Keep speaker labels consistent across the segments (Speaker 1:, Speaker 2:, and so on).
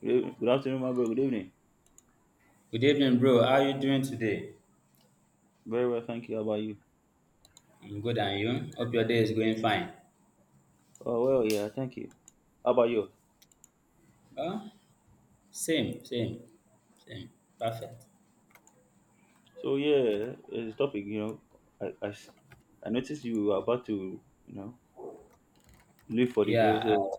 Speaker 1: Good evening. Good afternoon, my bro. Good evening.
Speaker 2: Good evening, bro. How are you doing today?
Speaker 1: Very well, thank you. How about you?
Speaker 2: I'm good, and you? Hope your day is going fine.
Speaker 1: Oh well, yeah, thank you. How about you?
Speaker 2: Well, same, same, same. Perfect.
Speaker 1: So yeah, it's a topic. I, I s- I noticed you were about to you know leave for the day,
Speaker 2: Yeah.
Speaker 1: so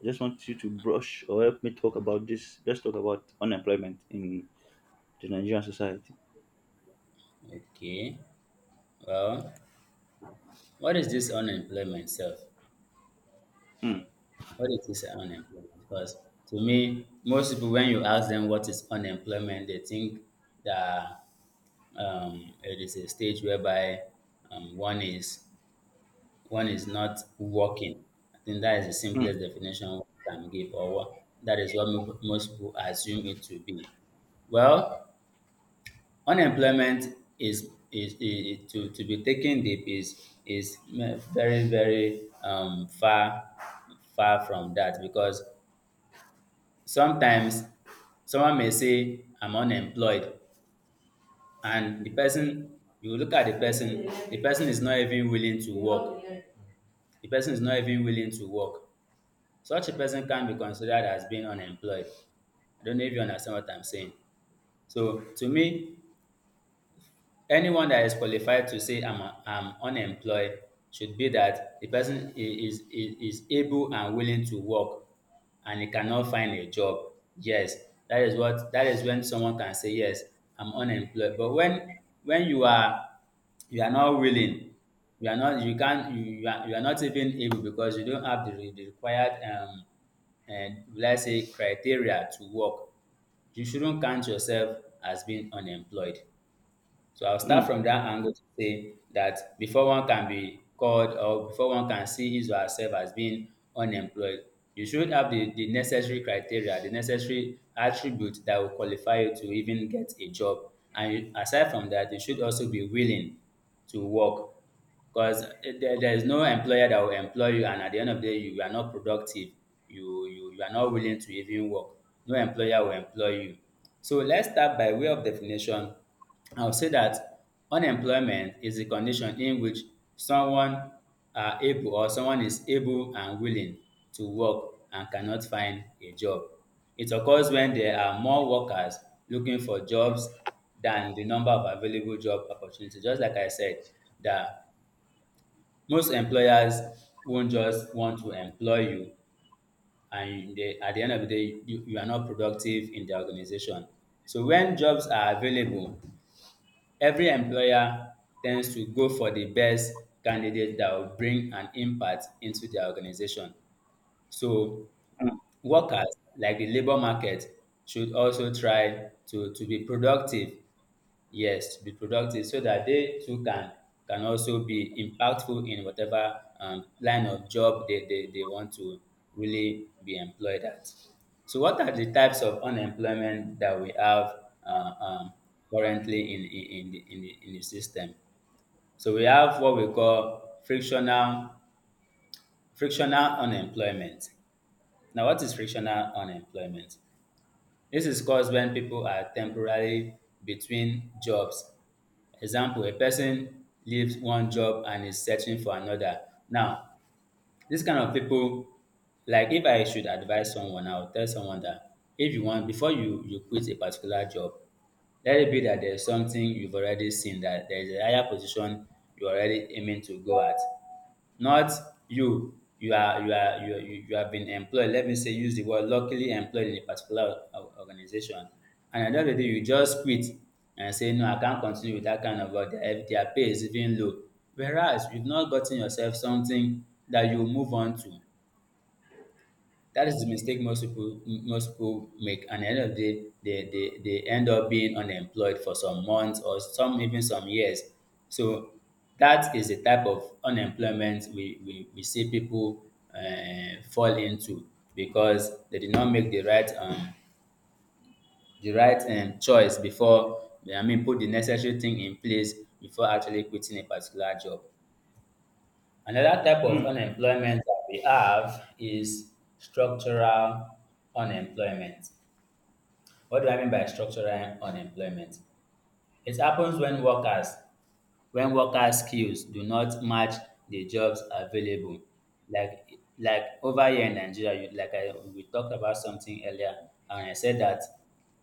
Speaker 1: I just want you to brush or help me talk about this. Let's talk about unemployment in the Nigerian society.
Speaker 2: Okay. Well, what is this unemployment self?
Speaker 1: Mm,
Speaker 2: What is this unemployment? Because to me, most people when you ask them what is unemployment, they think that it is a stage whereby one is one is not working. I think that is the
Speaker 1: mm,
Speaker 2: simplest definition one can give, or what that is what most people assume it to be. Well, unemployment is, to be taken deep is very, far far from that because sometimes someone may say I'm unemployed, and the person, you look at the person, the person is not even willing to work, the person is not even willing to work. Such a person can be considered as being unemployed. I don't know if you understand what I'm saying. So to me, anyone that is qualified to say I'm unemployed should be that the person is is able and willing to work and he cannot find a job. Yes, that is what, that is when someone can say, yes, I'm unemployed. But when you are, you are not willing, you are not, you can't, you are not even able because you don't have the required and let's say criteria to work, you shouldn't count yourself as being unemployed. So I'll start
Speaker 1: mm,
Speaker 2: from that angle to say that before one can be called or before one can see his or herself as being unemployed, you should have the necessary criteria, the necessary attributes that will qualify you to even get a job. And aside from that, you should also be willing to work. Because there is no employer that will employ you, and at the end of the day, you are not productive. You are not willing to even work. No employer will employ you. So let's start by way of definition. I'll say that unemployment is a condition in which someone are able, or someone is able and willing to work and cannot find a job. It occurs when there are more workers looking for jobs than the number of available job opportunities. Just like I said, that most employers won't just want to employ you, and they, at the end of the day, you are not productive in the organization. So when jobs are available, every employer tends to go for the best candidate that will bring an impact into their organization. So
Speaker 1: mm,
Speaker 2: workers, like the labor market, should also try to be productive. Yes, to be productive so that they too can also be impactful in whatever line of job they want to really be employed at. So what are the types of unemployment that we have uh, um, currently in, the, in, the, in the system? So we have what we call frictional frictional unemployment. Now, what is frictional unemployment? This is caused when people are temporarily between jobs. Example, a person leaves one job and is searching for another. Now, this kind of people, like if I should advise someone, I would tell someone that if you want, before you quit a particular job, let it be that there's something you've already seen, that there's a higher position you're already aiming to go at. Not you you are you are you, are- you have been employed, let me say use the word luckily employed in a particular organization, and at the end of the day you just quit and say no, I can't continue with that kind of work, their pay is even low, whereas you've not gotten yourself something that you move on to. That is the mistake most people make, and at the end of the day, they end up being unemployed for some months or some even some years. So that is the type of unemployment we see people fall into because they did not make the right choice before, I mean, put the necessary thing in place before actually quitting a particular job. Another type of
Speaker 1: mm.
Speaker 2: unemployment that we have is structural unemployment. What do I mean by structural unemployment? It happens when workers, when worker skills do not match the jobs available. like like over here in Nigeria, like we talked about something earlier, and I said that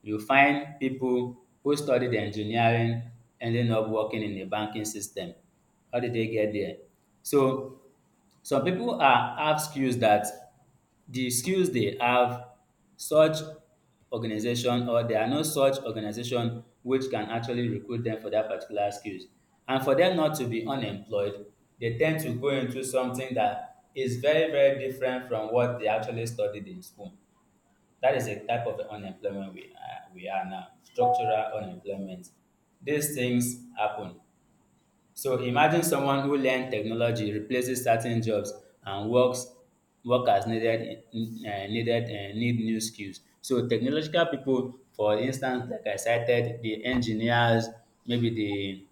Speaker 2: you find people who studied engineering ending up working in the banking system. How did they get there? So some people are have skills that, the skills they have, such organization, or there are no such organization which can actually recruit them for that particular skills. And for them not to be unemployed, they tend to go into something that is very, very different from what they actually studied in school. That is a type of unemployment we are now, structural unemployment. These things happen. So imagine someone who learned technology, replaces certain jobs, and works work as needed needed need new skills. So technological people, for instance, like I cited, the engineers, maybe the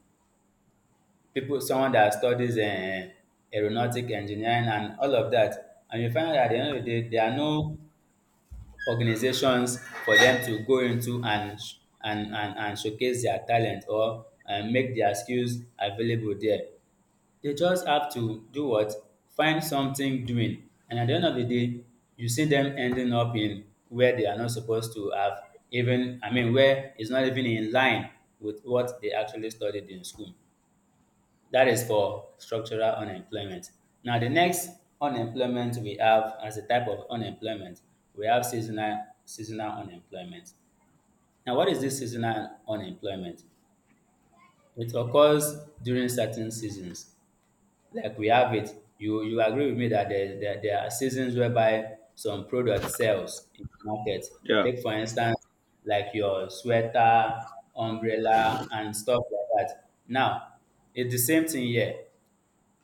Speaker 2: people, someone that studies aeronautic engineering and all of that, and you find out at the end of the day, there are no organizations for them to go into and and showcase their talent or make their skills available there. They just have to do what? Find something doing. And at the end of the day, you see them ending up in where they are not supposed to have, even, I mean, where it's not even in line with what they actually studied in school. That is for structural unemployment. Now, the next unemployment we have as a type of unemployment, we have seasonal, seasonal unemployment. Now, what is this seasonal unemployment? It occurs during certain seasons. Like we have it, you agree with me that there are seasons whereby some product sells in the market.
Speaker 1: Yeah.
Speaker 2: Take for instance, like your sweater, umbrella, and stuff like that. Now, it's the same thing here.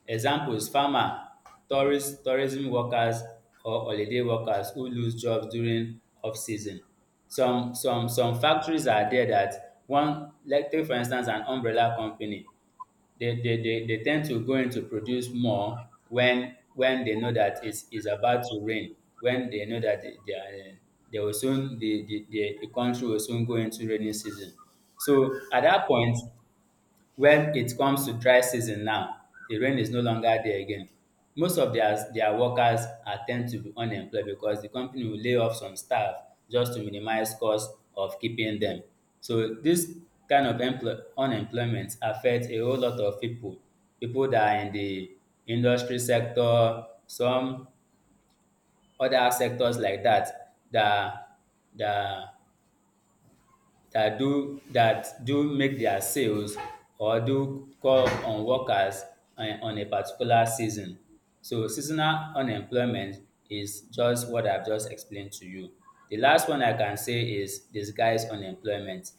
Speaker 2: Examples: farmer, tourist tourism workers or holiday workers who lose jobs during off-season. Some factories are there that one, like take for instance an umbrella company, they tend to go in to produce more when they know that it's about to rain, when they know that they will soon, the country will soon go into rainy season. So at that point, when it comes to dry season now, the rain is no longer there again. Most of their workers are tend to be unemployed because the company will lay off some staff just to minimize cost of keeping them. So this kind of employ unemployment affect a whole lot of people. People that are in the industry sector, some other sectors like that that do, that do make their sales or do call on workers on a particular season. So seasonal unemployment is just what I've just explained to you. The last one I can say is disguised unemployment.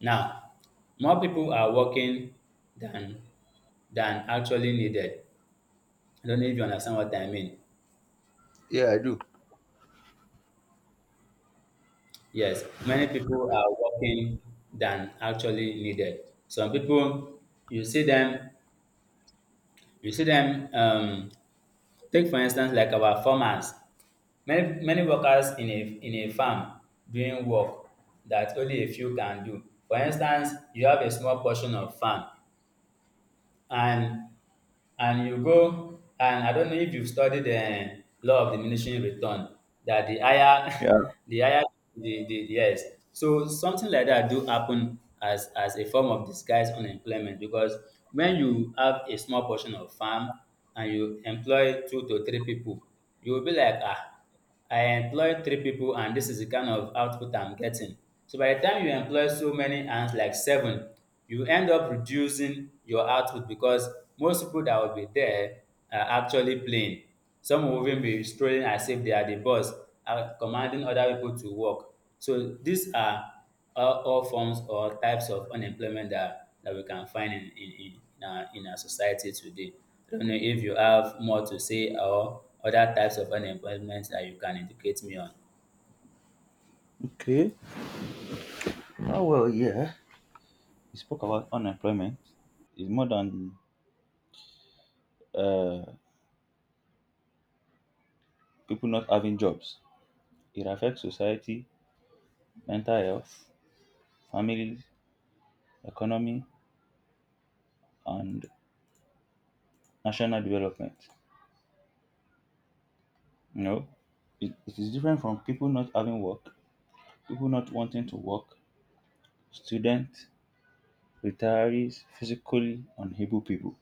Speaker 2: Now, more people are working than than actually needed. I don't know if you understand what I mean.
Speaker 1: Yeah.
Speaker 2: Yes, many people are working than actually needed. Some people, you see them, you see dem take for instance like our farmers, many many workers in a farm doing work dat only a few can do. For instance you have a small portion of farm, and and you go, and I don't know if you've studied the law of diminishing return, that the higher
Speaker 1: Yeah.
Speaker 2: the higher the, yes, so something like that do happen as a form of disguised unemployment because when you have a small portion of farm and you employ two to three people, you will be like, ah, I employ three people and this is the kind of output I'm getting. So by the time you employ so many hands like seven, you end up reducing your output because most people that will be there are actually playing. Some will even be strolling as if they are the boss, are commanding other people to work. So these are all forms or types of unemployment that, that we can find in our society today. I don't know if you have more to say or other types of unemployment that you can educate me on.
Speaker 1: Okay. Oh well, yeah. You spoke about unemployment. It's more than uh, people not having jobs. It affects society, mental health, families, economy, and national development. You know, it is different from people not having work, people not wanting to work, students, retirees, physically unable people.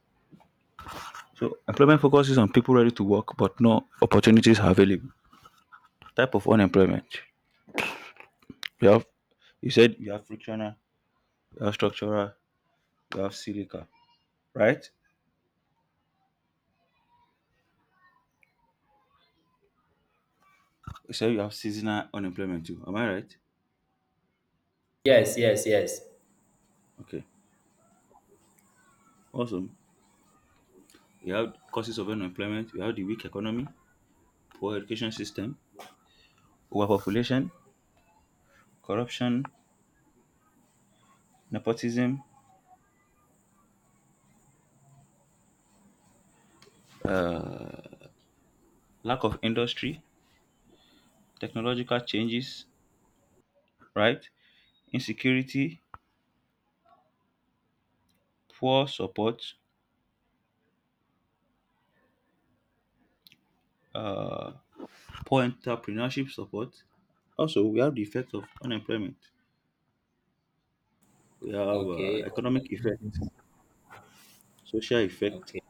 Speaker 1: So employment focuses on people ready to work but no opportunities are available. Type of unemployment. You have you said you have frictional, you have structural, you have silica, right? You said you have seasonal unemployment too. Am I right?
Speaker 2: Yes, yes, yes.
Speaker 1: Okay. Awesome. We have causes of unemployment. We have the weak economy, poor education system, overpopulation, corruption, nepotism, uh, lack of industry, technological changes, right? Insecurity, poor support, uh, poor entrepreneurship support. Also, we have the effect of unemployment. We have
Speaker 2: Okay,
Speaker 1: economic effect, social effect,
Speaker 2: okay,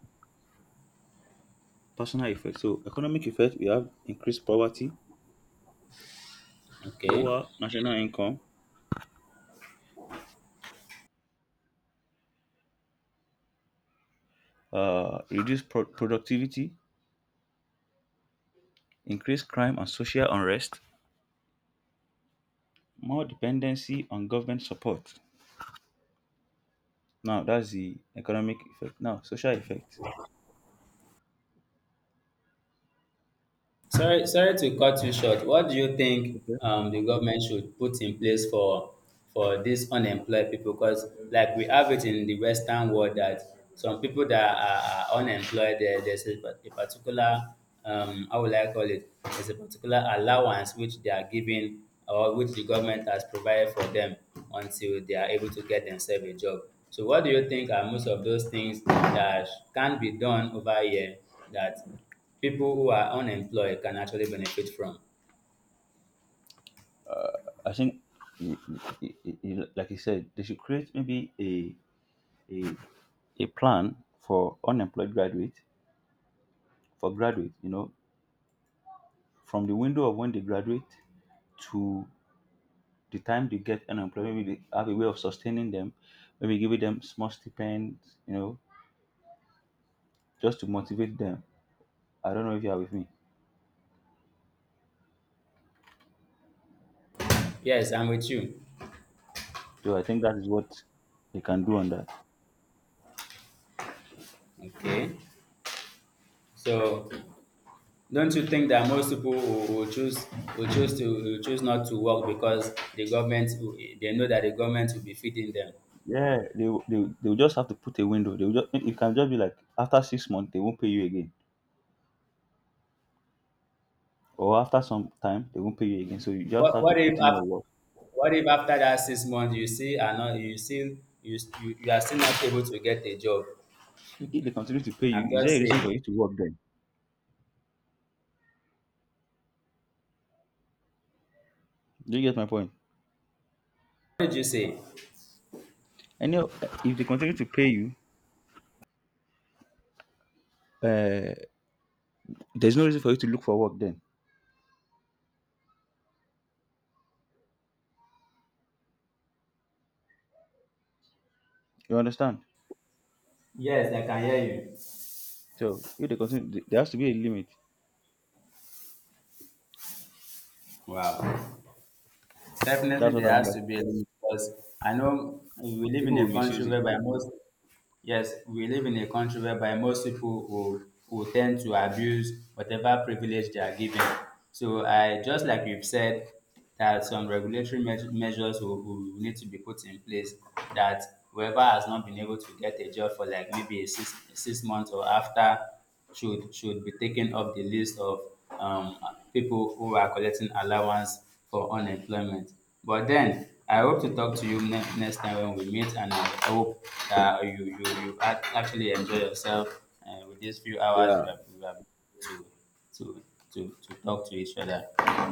Speaker 1: personal effect. So, economic effect, we have increased poverty,
Speaker 2: okay.
Speaker 1: lower national income, reduce productivity, increase crime and social unrest, more dependency on government support. Now, that's the economic effect. Now, social effect.
Speaker 2: Sorry, sorry to cut you short. What do you think
Speaker 1: Okay.
Speaker 2: the government should put in place for these unemployed people? Because like we have it in the Western world that some people that are unemployed, there, there's a, a particular how will I call it? There's a particular allowance which they are given or which the government has provided for them until they are able to get themselves a job. So what do you think are most of those things that can be done over here that people who are unemployed can actually benefit from?
Speaker 1: I think, y- like you said, they should create maybe a, a plan for unemployed graduate, for graduate, you know, from the window of when they graduate to the time they get unemployed. Maybe they have a way of sustaining them, maybe giving them small stipends, you know, just to motivate them. I don't know if you are with me.
Speaker 2: Yes, I'm with you.
Speaker 1: So I think that is what they can do on that.
Speaker 2: Okay. So don't you think that most people will choose, will choose to, will choose not to work because the government they know that the government will be feeding them?
Speaker 1: Yeah, they will just have to put a window. They will just it can just be like after 6 months they won't pay you again, or after some time they won't pay you again. So you just
Speaker 2: What
Speaker 1: have to
Speaker 2: what if
Speaker 1: put in your
Speaker 2: after,
Speaker 1: work.
Speaker 2: what if after that 6 months you see are not you still you you are still not able to get a job?
Speaker 1: If they continue to pay
Speaker 2: I'm
Speaker 1: you, is
Speaker 2: just
Speaker 1: there a reason
Speaker 2: saying.
Speaker 1: for you to work then? Do you get my point?
Speaker 2: What did you say?
Speaker 1: If they continue to pay you, uh, there's no reason for you to look for work then. You understand? So if they continue, there has to be a limit.
Speaker 2: Wow. Definitely
Speaker 1: That's what I
Speaker 2: there has
Speaker 1: understand.
Speaker 2: to be a limit because I know we live in
Speaker 1: People will
Speaker 2: a country
Speaker 1: misuse it.
Speaker 2: whereby most, yes, we live in a country whereby most people will tend to abuse whatever privilege they are given. So I just like you've said that some regulatory measures will need to be put in place that whoever has not been able to get a job for like maybe six, 6 months or after should be taken off the list of um, people who are collecting allowance for unemployment. But then I hope to talk to you next time when we meet, and I hope that you actually enjoy yourself with these few hours
Speaker 1: Yeah.
Speaker 2: we have to, to to talk to each other.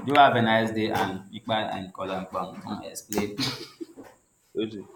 Speaker 2: Do have a nice day, and Ikpa and Kolan Kwan come explain
Speaker 1: Really.